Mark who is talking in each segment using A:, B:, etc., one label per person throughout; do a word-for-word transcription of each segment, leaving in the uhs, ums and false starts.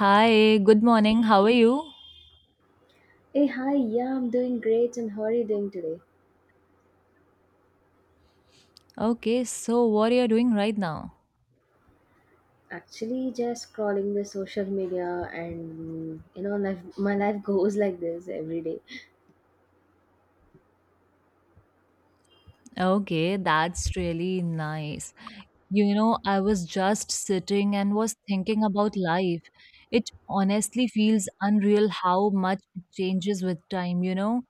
A: Hi, good morning. How are you?
B: Hey, hi, yeah, I'm doing great. And how are you doing today?
A: Okay, so what are you doing right now?
B: Actually, just scrolling the social media, and you know, life, my life goes like this every day.
A: Okay, that's really nice. You know, I was just sitting and was thinking about life. It honestly feels unreal how much it changes with time, you know?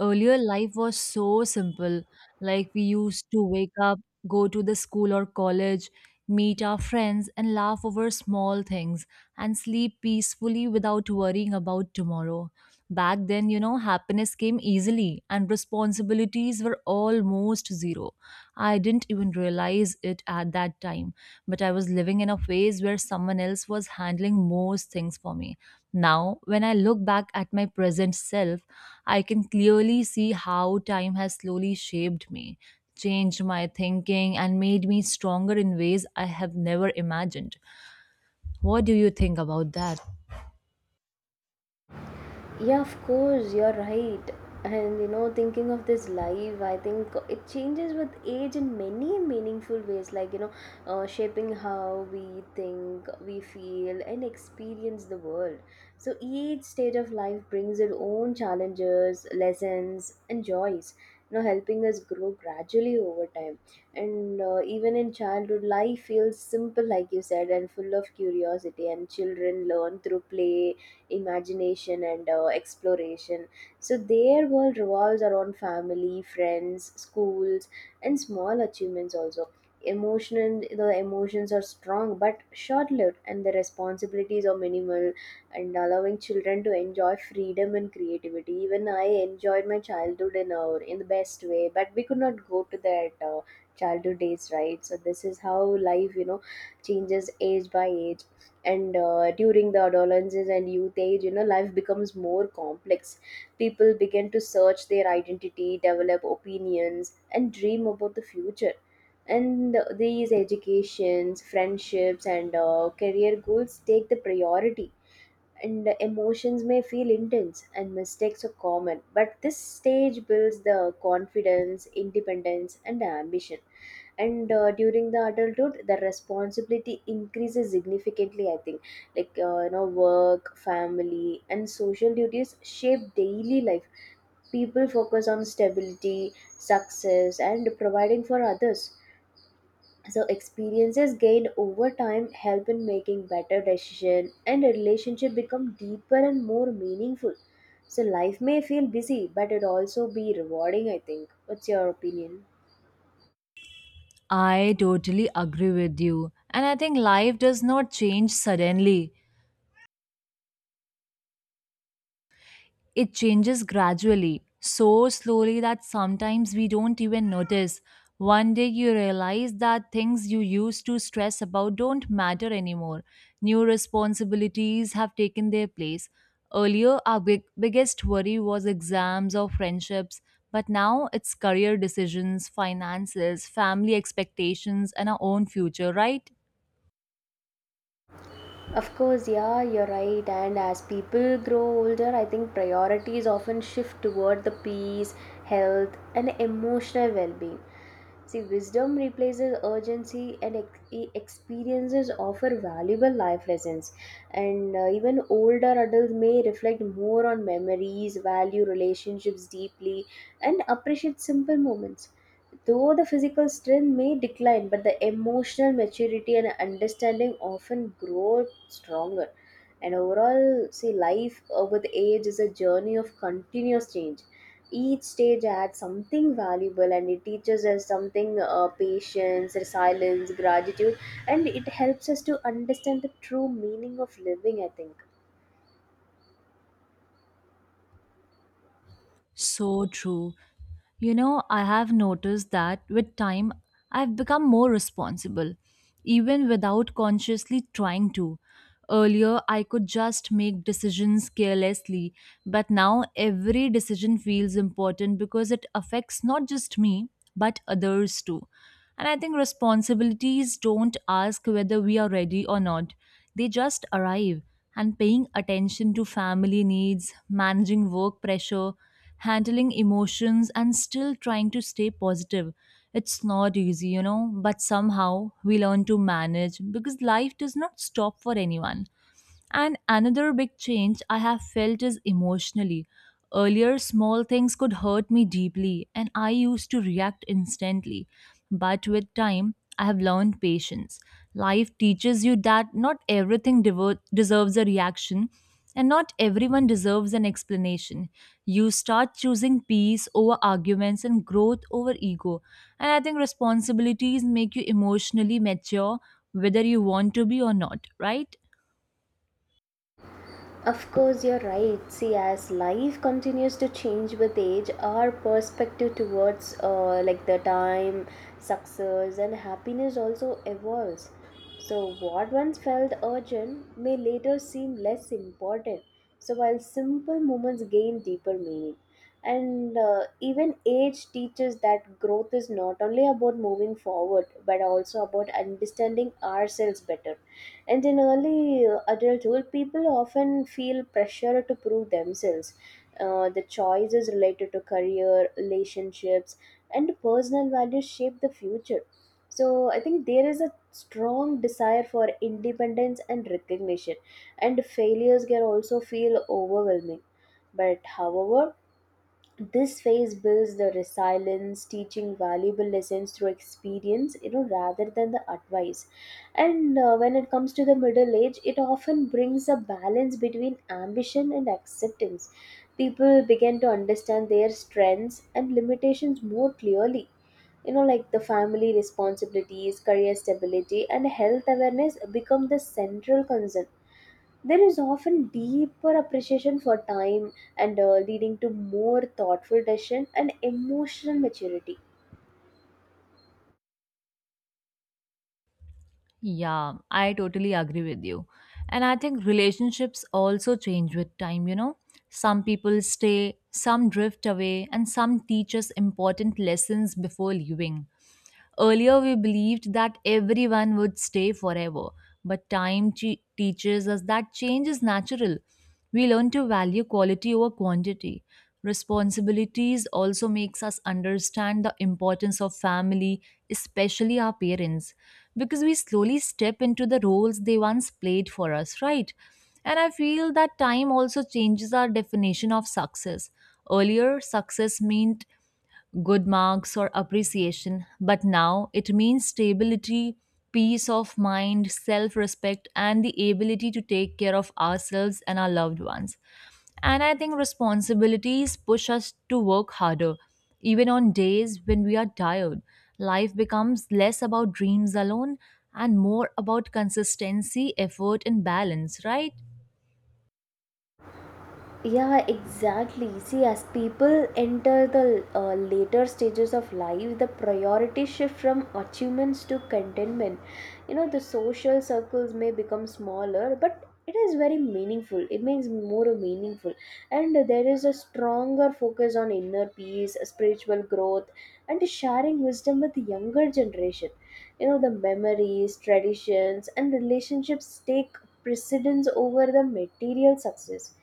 A: Earlier, life was so simple. Like we used to wake up, go to the school or college, meet our friends, and laugh over small things and sleep peacefully without worrying about tomorrow. Back then, you know, happiness came easily and responsibilities were almost zero. I didn't even realize it at that time, but I was living in a phase where someone else was handling most things for me. Now, when I look back at my present self, I can clearly see how time has slowly shaped me, changed my thinking, and made me stronger in ways I have never imagined. What do you think about that?
B: Yeah, of course, you're right. And you know, thinking of this life, I think it changes with age in many meaningful ways, like you know, uh, shaping how we think, we feel, and experience the world. So each stage of life brings its own challenges, lessons, and joys. You know, helping us grow gradually over time. And uh, Even in childhood, life feels simple, like you said, and full of curiosity. And children learn through play imagination and uh, exploration. So their world revolves around family, friends, schools, and small achievements also. Emotional, the emotions are strong but short lived, and the responsibilities are minimal, and allowing children to enjoy freedom and creativity. Even I enjoyed my childhood in our in the best way, but we could not go to that uh, childhood days, right? So this is how life, you know, changes age by age and uh, during the adolescence and youth age, you know, life becomes more complex. People begin to search their identity, develop opinions, and dream about the future, and these educations, friendships, and uh, career goals take the priority, and emotions may feel intense and mistakes are common, but this stage builds the confidence, independence, and ambition. And uh, During the adulthood, the responsibility increases significantly, I think. Like uh, you know, work, family, and social duties shape daily life. People focus on stability, success, and providing for others. So experiences gained over time help in making better decisions and a relationship become deeper and more meaningful. So life may feel busy but it also be rewarding, I think. What's your opinion?
A: I totally agree with you. And I think life does not change suddenly. It changes gradually, so slowly that sometimes we don't even notice. One day you realize that things you used to stress about don't matter anymore. New responsibilities have taken their place. Earlier, our big, biggest worry was exams or friendships, but now it's career decisions, finances, family expectations, and our own future, right?
B: Of course, yeah, you're right. And as people grow older, I think priorities often shift toward the peace, health, and emotional well being. See, wisdom replaces urgency, and ex- e- experiences offer valuable life lessons. And uh, Even older adults may reflect more on memories, value relationships deeply, and appreciate simple moments. Though the physical strength may decline, but the emotional maturity and understanding often grow stronger. And overall, see, life uh, with age is a journey of continuous change. Each stage adds something valuable and it teaches us something uh, patience, resilience, gratitude, and it helps us to understand the true meaning of living, I think.
A: So true. You know, I have noticed that with time, I've become more responsible, even without consciously trying to. Earlier, I could just make decisions carelessly, but now every decision feels important because it affects not just me, but others too. And I think responsibilities don't ask whether we are ready or not, they just arrive. And paying attention to family needs, managing work pressure, handling emotions and still trying to stay positive. It's not easy, you know, but somehow we learn to manage because life does not stop for anyone. And another big change I have felt is emotionally. Earlier, small things could hurt me deeply, and I used to react instantly. But with time, I have learned patience. Life teaches you that not everything devo- deserves a reaction, and not everyone deserves an explanation. You start choosing peace over arguments and growth over ego. And I think responsibilities make you emotionally mature, whether you want to be or not, right?
B: Of course, you're right. See, as life continues to change with age, our perspective towards uh, like the time, success, and happiness also evolves. So, what once felt urgent may later seem less important. So, while simple moments gain deeper meaning, and uh, even age teaches that growth is not only about moving forward but also about understanding ourselves better. And in early uh, adulthood, people often feel pressure to prove themselves. Uh, the choices related to career, relationships, and personal values shape the future. So, I think there is a strong desire for independence and recognition, and failures can also feel overwhelming. But, however, this phase builds the resilience, teaching valuable lessons through experience, you know, rather than the advice. And uh, When it comes to the middle age, it often brings a balance between ambition and acceptance. People begin to understand their strengths and limitations more clearly. You know, like the family responsibilities, career stability, and health awareness become the central concern. There is often deeper appreciation for time and uh, leading to more thoughtful decision and emotional maturity.
A: Yeah, I totally agree with you. And I think relationships also change with time, you know. Some people stay, some drift away, and some teach us important lessons before leaving. Earlier, we believed that everyone would stay forever, but time che- teaches us that change is natural. We learn to value quality over quantity. Responsibilities also makes us understand the importance of family, especially our parents, because we slowly step into the roles they once played for us, right? And I feel that time also changes our definition of success. Earlier, success meant good marks or appreciation, but now it means stability, peace of mind, self respect, and the ability to take care of ourselves and our loved ones. And I think responsibilities push us to work harder, even on days when we are tired. Life becomes less about dreams alone and more about consistency, effort, and balance, right?
B: Yeah, exactly. See, as people enter the uh, later stages of life, the priorities shift from achievements to contentment. You know, the social circles may become smaller, but it is very meaningful. It makes more meaningful. And there is a stronger focus on inner peace, spiritual growth, and sharing wisdom with the younger generation. You know, the memories, traditions, and relationships stay precedence over the material success.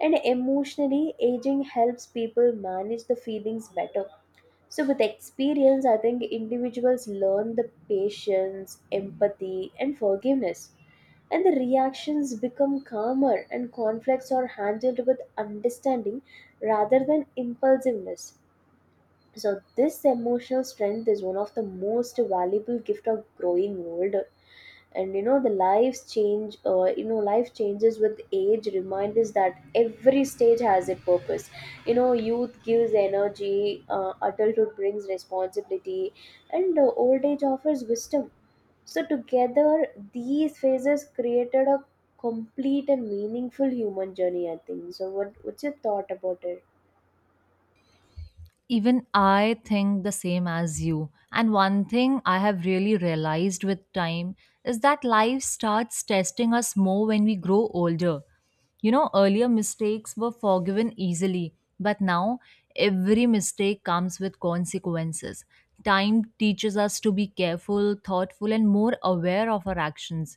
B: And emotionally, aging helps people manage the feelings better. So, with experience, I think individuals learn the patience, empathy, and forgiveness. And the reactions become calmer, and conflicts are handled with understanding rather than impulsiveness. So, this emotional strength is one of the most valuable gift of growing old, and you know, the lives change uh, you know life changes with age remind us that every stage has a purpose. You know, youth gives energy uh, adulthood brings responsibility, and uh, old age offers wisdom. So together, these phases created a complete and meaningful human journey, I think. So what what's your thought about it?
A: Even I think the same as you. And one thing I have really realized with time is that life starts testing us more when we grow older. You know, earlier mistakes were forgiven easily, but now every mistake comes with consequences. Time teaches us to be careful, thoughtful, and more aware of our actions.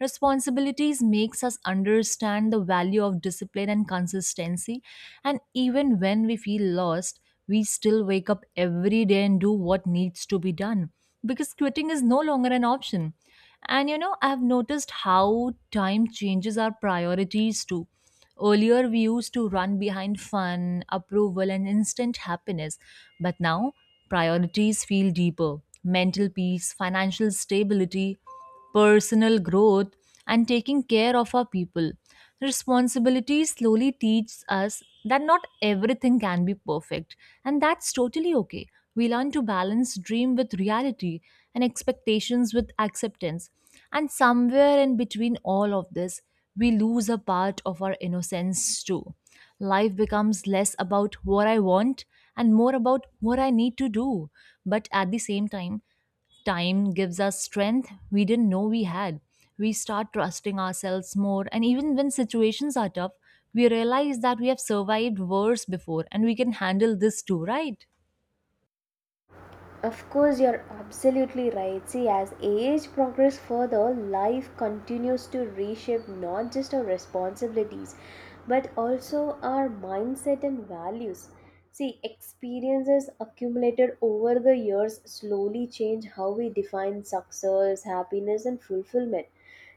A: Responsibilities makes us understand the value of discipline and consistency and even when we feel lost, we still wake up every day and do what needs to be done because quitting is no longer an option. And you know, I've noticed how time changes our priorities too. Earlier, we used to run behind fun, approval, and instant happiness, but now priorities feel deeper mental peace, financial stability, personal growth, and taking care of our people. Responsibility slowly teaches us that not everything can be perfect, and that's totally okay. We learn to balance dream with reality and expectations with acceptance. And somewhere in between all of this, we lose a part of our innocence too. Life becomes less about what I want and more about what I need to do. But at the same time, time gives us strength we didn't know we had. We start trusting ourselves more, and even when situations are tough, we realize that we have survived worse before and we can handle this too, right?
B: Of course, you're absolutely right. See, as age progresses further, life continues to reshape not just our responsibilities, but also our mindset and values. See, experiences accumulated over the years slowly change how we define success, happiness, and fulfillment.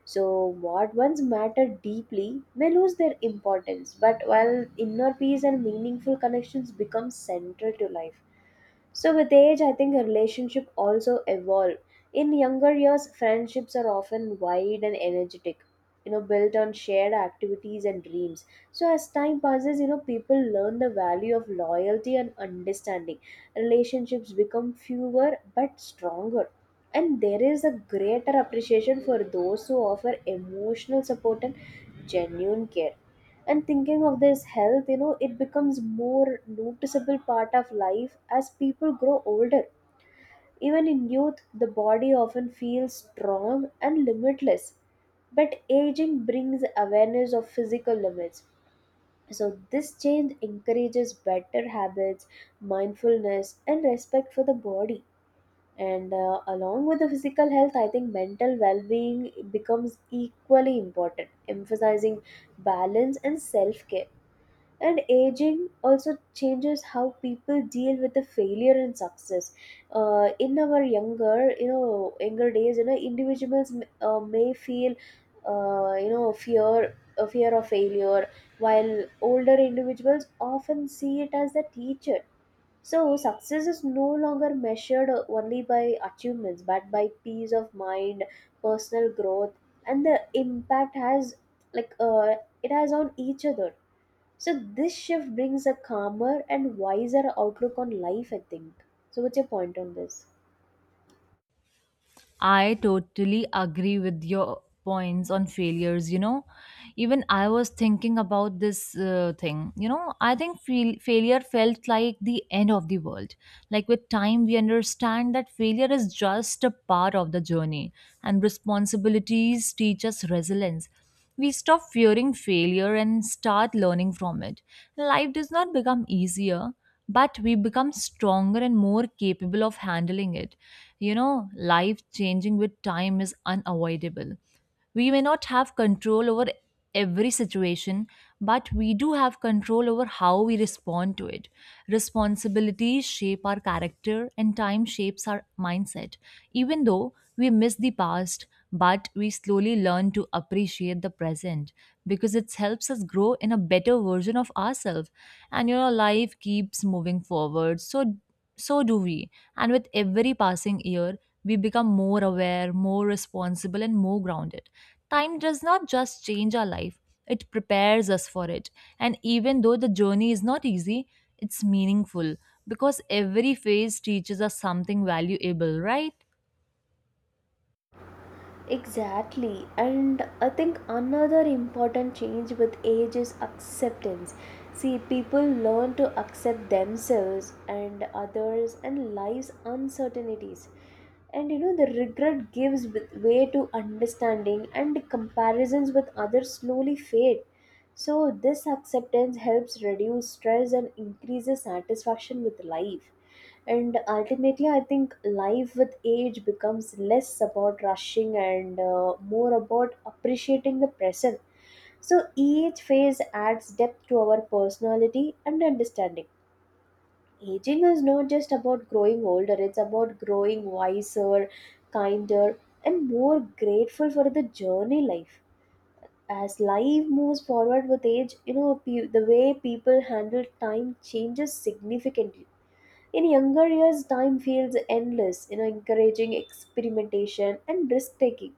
B: So, what once mattered deeply may lose their importance, but while inner peace and meaningful connections become central to life. So, with age, I think a relationship also evolve. In younger years, friendships are often wide and energetic, you know, built on shared activities and dreams. So, as time passes, you know, people learn the value of loyalty and understanding. Relationships become fewer but stronger, and there is a greater appreciation for those who offer emotional support and genuine care. And thinking of this health, you know, it becomes more noticeable part of life as people grow older. Even in youth, the body often feels strong and limitless, but aging brings awareness of physical limits. So this change encourages better habits, mindfulness, and respect for the body. And uh, Along with the physical health, I think mental well-being becomes equally important, emphasizing balance and self-care. And aging also changes how people deal with the failure and success. Uh, in our younger you know younger days, you know, individuals uh, may feel, uh, you know, fear a fear of failure, while older individuals often see it as a teacher. So, success is no longer measured only by achievements but by peace of mind, personal growth, and the impact has like uh, it has on each other. So, this shift brings a calmer and wiser outlook on life, I think. So, what's your point on this?
A: I totally agree with your points on failures. You know, even I was thinking about this uh, thing. You know, I think fail- failure felt like the end of the world. Like with time, we understand that failure is just a part of the journey, and responsibilities teach us resilience. We stop fearing failure and start learning from it. Life does not become easier, but we become stronger and more capable of handling it. You know, life changing with time is unavoidable. We may not have control over every situation, but we do have control over how we respond to it. Responsibilities shape our character, and time shapes our mindset. Even though we miss the past, but we slowly learn to appreciate the present because it helps us grow in a better version of ourselves. And you know, life keeps moving forward. So, so do we. And with every passing year, we become more aware, more responsible, and more grounded. Time does not just change our life, it prepares us for it. And even though the journey is not easy, it's meaningful because every phase teaches us something valuable, right?
B: Exactly, and I think another important change with age is acceptance. See, people learn to accept themselves and others and life's uncertainties. And you know, the regret gives with- way to understanding, and comparisons with others slowly fade. So, this acceptance helps reduce stress and increases satisfaction with life. And ultimately, I think life with age becomes less about rushing and uh, more about appreciating the present. So each phase adds depth to our personality and understanding. Aging is not just about growing older, it's about growing wiser, kinder, and more grateful for the journey life. As life moves forward with age, you know, pe- the way people handle time changes significantly. In younger years, time feels endless, you know, encouraging experimentation and risk taking.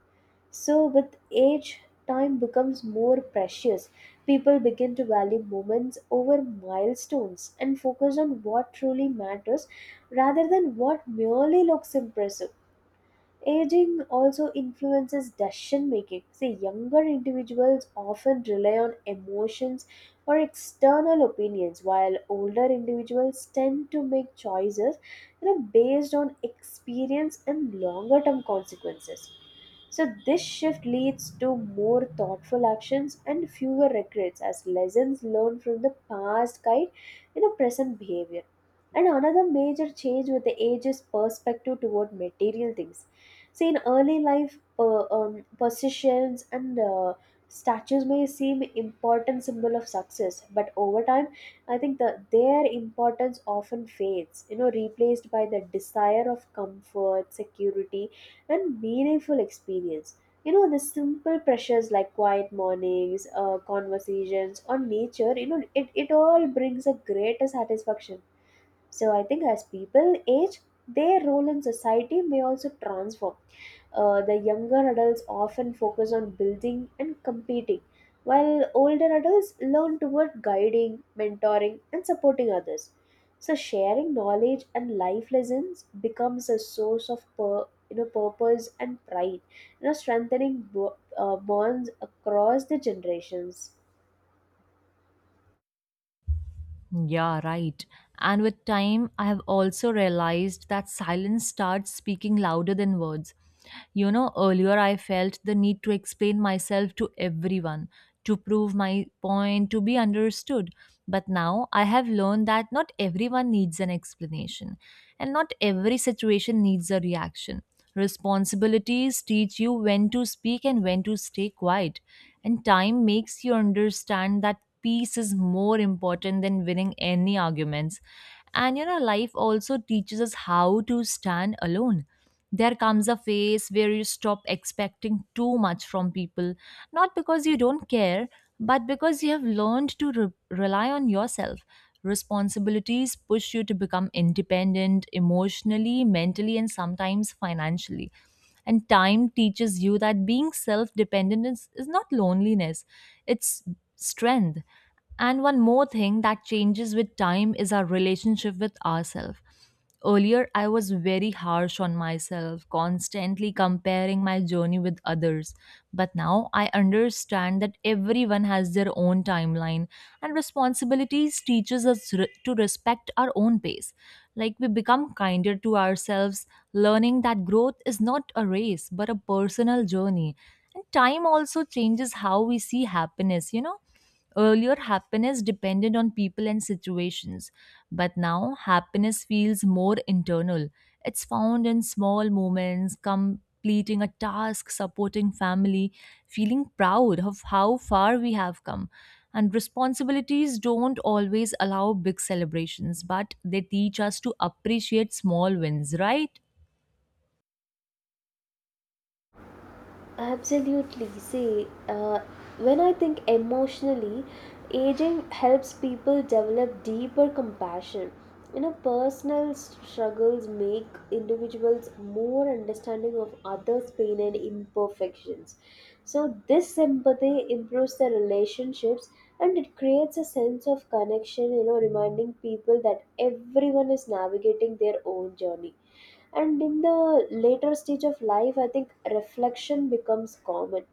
B: So, with age, time becomes more precious. People begin to value moments over milestones and focus on what truly matters rather than what merely looks impressive. Aging also influences decision making. See, younger individuals often rely on emotions or external opinions, while older individuals tend to make choices, you know, based on experience and longer term consequences. So, this shift leads to more thoughtful actions and fewer regrets as lessons learned from the past guide in a present behavior. And another major change with the age is perspective toward material things. See, in early life, uh, um, positions and uh, statues may seem important symbol of success, but over time, I think that their importance often fades. You know, replaced by the desire of comfort, security, and meaningful experience. You know, the simple pressures like quiet mornings, uh, conversations on nature. You know, it it all brings a greater satisfaction. So I think as people age, their role in society may also transform. Uh, the younger adults often focus on building and competing, while older adults learn toward guiding, mentoring, and supporting others. So, sharing knowledge and life lessons becomes a source of pur- you know, purpose and pride, you know, strengthening bo- uh, bonds across the generations.
A: Yeah, right. And with time, I have also realized that silence starts speaking louder than words. You know, earlier I felt the need to explain myself to everyone, to prove my point, to be understood. But now I have learned that not everyone needs an explanation, and not every situation needs a reaction. Responsibilities teach you when to speak and when to stay quiet. And time makes you understand that peace is more important than winning any arguments. And you know, life also teaches us how to stand alone. There comes a phase where you stop expecting too much from people, not because you don't care, but because you have learned to re- rely on yourself. Responsibilities push you to become independent emotionally, mentally, and sometimes financially. And time teaches you that being self dependent is, is not loneliness, it's strength. And one more thing that changes with time is our relationship with ourselves. Earlier, I was very harsh on myself, constantly comparing my journey with others. But now I understand that everyone has their own timeline, and responsibilities teaches us re- to respect our own pace. Like we become kinder to ourselves, learning that growth is not a race but a personal journey. And time also changes how we see happiness, you know? Earlier, happiness depended on people and situations, but now happiness feels more internal. It's found in small moments, completing a task, supporting family, feeling proud of how far we have come. And responsibilities don't always allow big celebrations, but they teach us to appreciate small wins, right?
B: Absolutely. See, uh, when I think emotionally, aging helps people develop deeper compassion. You know, personal struggles make individuals more understanding of others' pain and imperfections. So, this empathy improves their relationships and it creates a sense of connection, you know, reminding people that everyone is navigating their own journey. And in the later stage of life, I think reflection becomes common.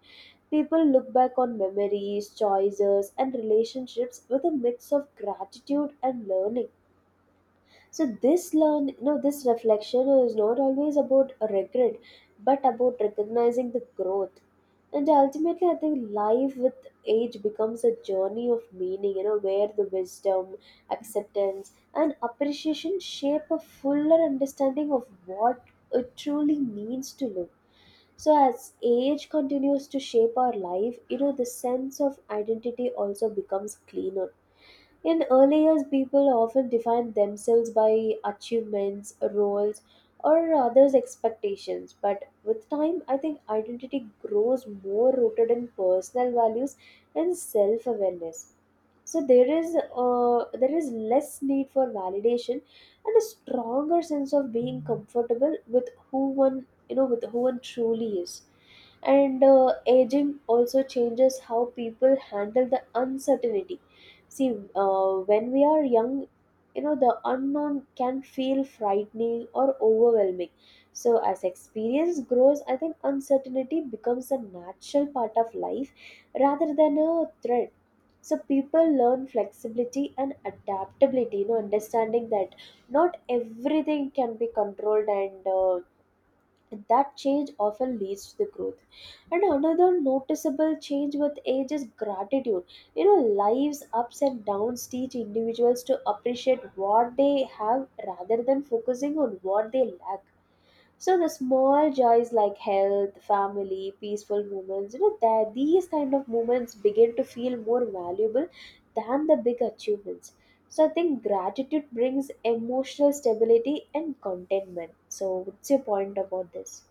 B: People look back on memories, choices and relationships with a mix of gratitude and learning. So this learn you know this reflection is not always about regret, but about recognizing the growth. And ultimately, I think life with age becomes a journey of meaning, you know where the wisdom, acceptance and appreciation shape a fuller understanding of what it truly means to live. So as age continues to shape our life, you know the sense of identity also becomes cleaner. In early years, people often define themselves by achievements, roles, or others' expectations. But with time, I think identity grows more rooted in personal values and self awareness. So there is uh, there is less need for validation and a stronger sense of being comfortable with who one you know with who one truly is. And uh, aging also changes how people handle the uncertainty. See, uh, when we are young, you know, the unknown can feel frightening or overwhelming. So, as experience grows, I think uncertainty becomes a natural part of life rather than a threat. So, people learn flexibility and adaptability, you know, understanding that not everything can be controlled, and uh, that change often leads to the growth. And another noticeable change with age is gratitude. You know life's ups and downs teach individuals to appreciate what they have rather than focusing on what they lack. So the small joys like health, family, peaceful moments, you know that these kind of moments begin to feel more valuable than the big achievements. So I think gratitude brings emotional stability and contentment. So what's your point about this?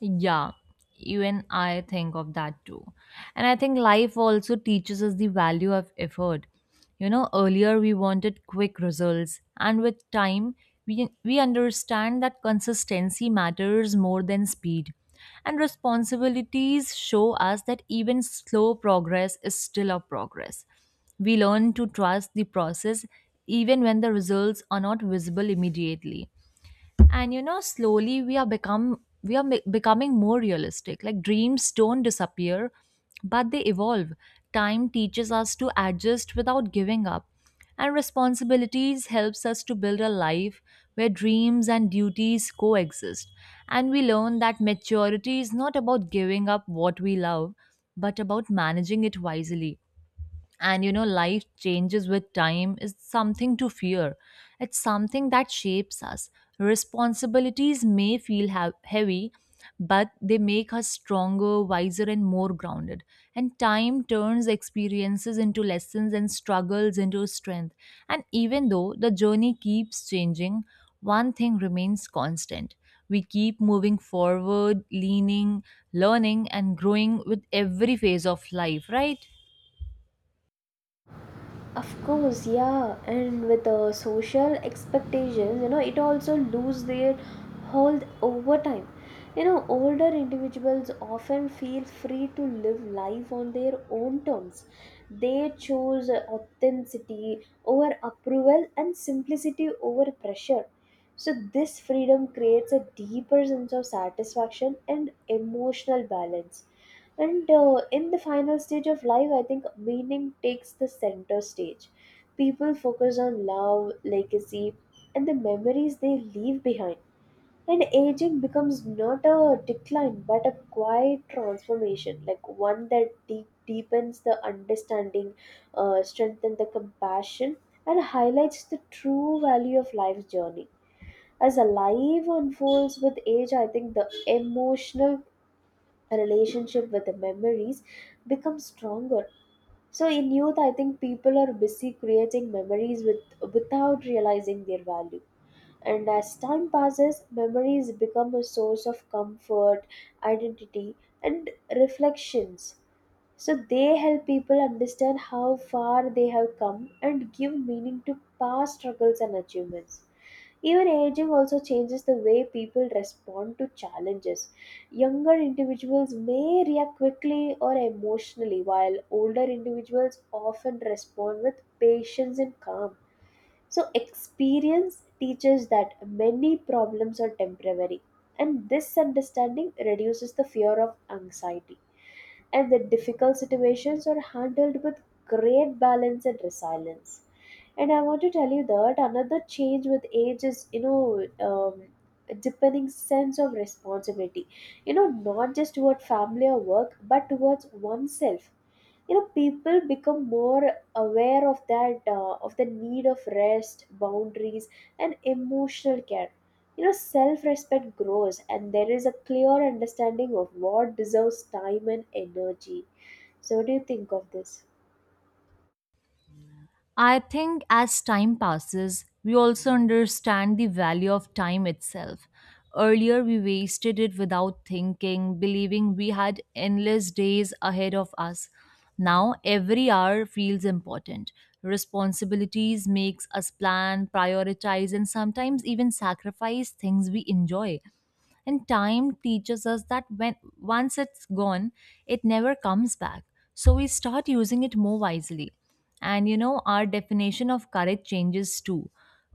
A: Yeah, even I think of that too. And I think life also teaches us the value of effort. You know, earlier we wanted quick results, and with time, we, we understand that consistency matters more than speed. And responsibilities show us that even slow progress is still a progress. We learn to trust the process even when the results are not visible immediately. And you know, slowly we are become we are mi- becoming more realistic. Like dreams don't disappear, but they evolve. Time teaches us to adjust without giving up, and responsibilities helps us to build a life where dreams and duties coexist. And we learn that maturity is not about giving up what we love, but about managing it wisely. And you know, life changes with time is something to fear, it's something that shapes us. Responsibilities may feel ha- heavy, but they make us stronger, wiser, and more grounded. And time turns experiences into lessons and struggles into strength. And even though the journey keeps changing, one thing remains constant: we keep moving forward, leaning, learning, and growing with every phase of life, right?
B: Of course, yeah, and with the social expectations, you know, it also lose their hold over time. You know, older individuals often feel free to live life on their own terms. They chose authenticity over approval and simplicity over pressure. So, this freedom creates a deeper sense of satisfaction and emotional balance. And uh, in the final stage of life, I think meaning takes the center stage. People focus on love, legacy, and the memories they leave behind. And aging becomes not a decline but a quiet transformation, like one that deep, deepens the understanding, uh, strengthens the compassion, and highlights the true value of life's journey. As a life unfolds with age, I think the emotional a relationship with the memories becomes stronger. So in youth, I think people are busy creating memories with without realizing their value. And as time passes, memories become a source of comfort, identity, and reflections. So they help people understand how far they have come and give meaning to past struggles and achievements. Even aging also changes the way people respond to challenges. Younger individuals may react quickly or emotionally, while older individuals often respond with patience and calm. So, experience teaches that many problems are temporary, and this understanding reduces the fear of anxiety, and the difficult situations are handled with great balance and resilience. And I want to tell you that another change with age is, you know, um, a deepening sense of responsibility. You know, not just toward family or work, but towards oneself. You know, people become more aware of that uh, of the need of rest, boundaries and emotional care. You know, self respect grows and there is a clear understanding of what deserves time and energy. So what do you think of this?
A: I think as time passes, we also understand the value of time itself. Earlier, we wasted it without thinking, believing we had endless days ahead of us. Now, every hour feels important. Responsibilities makes us plan, prioritize, and sometimes even sacrifice things we enjoy. And time teaches us that when once it's gone, it never comes back, so we start using it more wisely. And you know, our definition of courage changes too.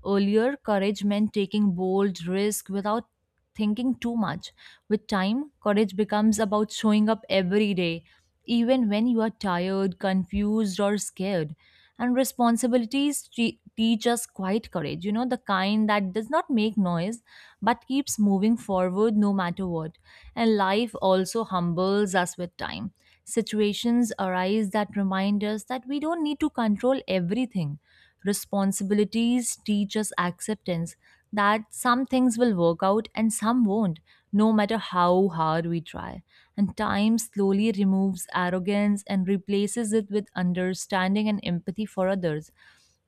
A: Earlier, courage meant taking bold risk without thinking too much. With time, courage becomes about showing up every day, even when you are tired, confused, or scared. And responsibilities te- teach us quiet courage, you know, the kind that does not make noise but keeps moving forward no matter what. And life also humbles us with time. Situations arise that remind us that we don't need to control everything. Responsibilities teach us acceptance, that some things will work out and some won't, no matter how hard we try. And time slowly removes arrogance and replaces it with understanding and empathy for others.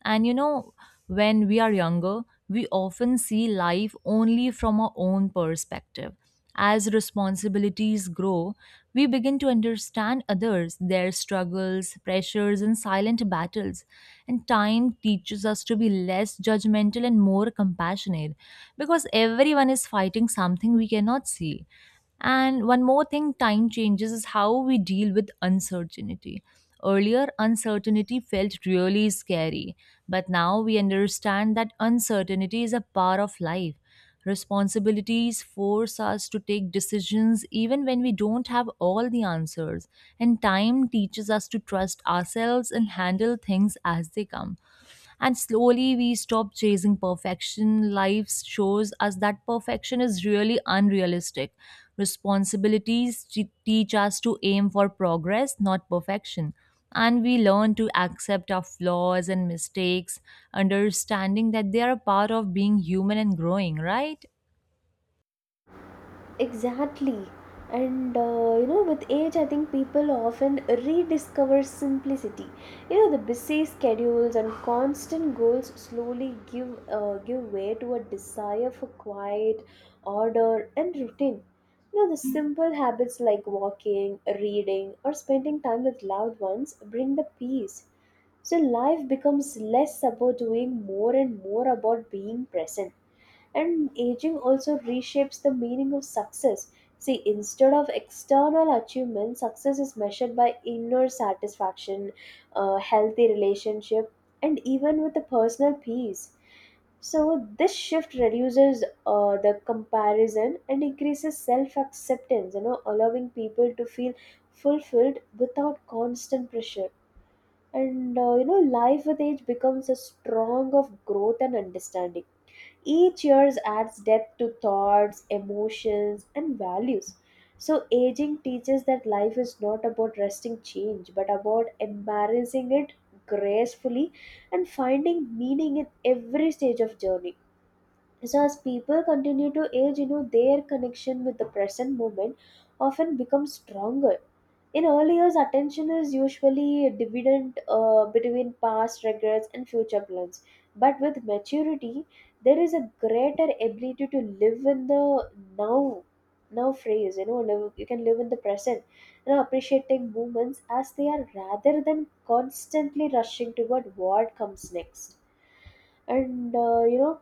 A: And you know, when we are younger, we often see life only from our own perspective. As responsibilities grow, we begin to understand others, their struggles, pressures, and silent battles. And time teaches us to be less judgmental and more compassionate because everyone is fighting something we cannot see. And one more thing time changes is how we deal with uncertainty. Earlier, uncertainty felt really scary, but now we understand that uncertainty is a part of life. Responsibilities force us to take decisions even when we don't have all the answers, and time teaches us to trust ourselves and handle things as they come. And slowly we stop chasing perfection. Life shows us that perfection is really unrealistic. Responsibilities te- teach us to aim for progress, not perfection. And we learn to accept our flaws and mistakes, understanding that they are a part of being human and growing, right?
B: Exactly. And uh, you know, with age, I think people often rediscover simplicity. You know, the busy schedules and constant goals slowly give uh, give way to a desire for quiet, order, and routine. You know, the simple habits like walking, reading, or spending time with loved ones bring the peace. So life becomes less about doing more and more about being present. And aging also reshapes the meaning of success. See, instead of external achievement, success is measured by inner satisfaction, a healthy relationship, and even with the personal peace. So, this shift reduces uh, the comparison and increases self acceptance, you know, allowing people to feel fulfilled without constant pressure. And, uh, you know, life with age becomes a strong of growth and understanding. Each year adds depth to thoughts, emotions, and values. So, aging teaches that life is not about resisting change, but about embracing it gracefully and finding meaning in every stage of journey. So, as people continue to age, you know, their connection with the present moment often becomes stronger. In early years, attention is usually divided uh, between past regrets and future plans. But with maturity, there is a greater ability to live in the now, now phrase. You know, live, you can live in the present, you know, appreciating moments as they are rather than constantly rushing toward what comes next. And uh, you know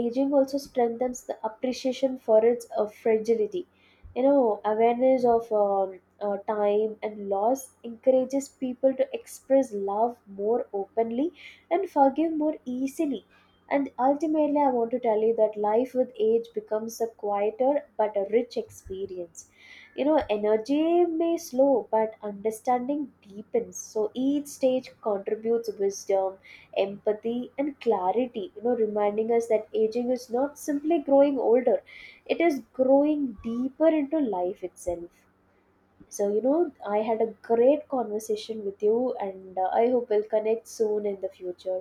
B: aging also strengthens the appreciation for its uh, fragility. You know, awareness of um, uh, time and loss encourages people to express love more openly and forgive more easily. And ultimately, I want to tell you that life with age becomes a quieter but a rich experience. You know, energy may slow but understanding deepens. So each stage contributes wisdom, empathy and clarity, you know reminding us that aging is not simply growing older, it is growing deeper into life itself. So you know, I had a great conversation with you, and uh, I hope we'll connect soon in the future.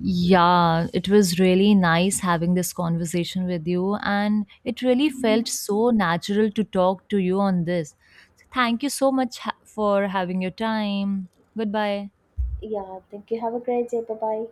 A: Yeah, it was really nice having this conversation with you, and it really felt so natural to talk to you on this. So thank you so much ha- for having your time. Goodbye.
B: Yeah, thank you, have a great day, bye bye.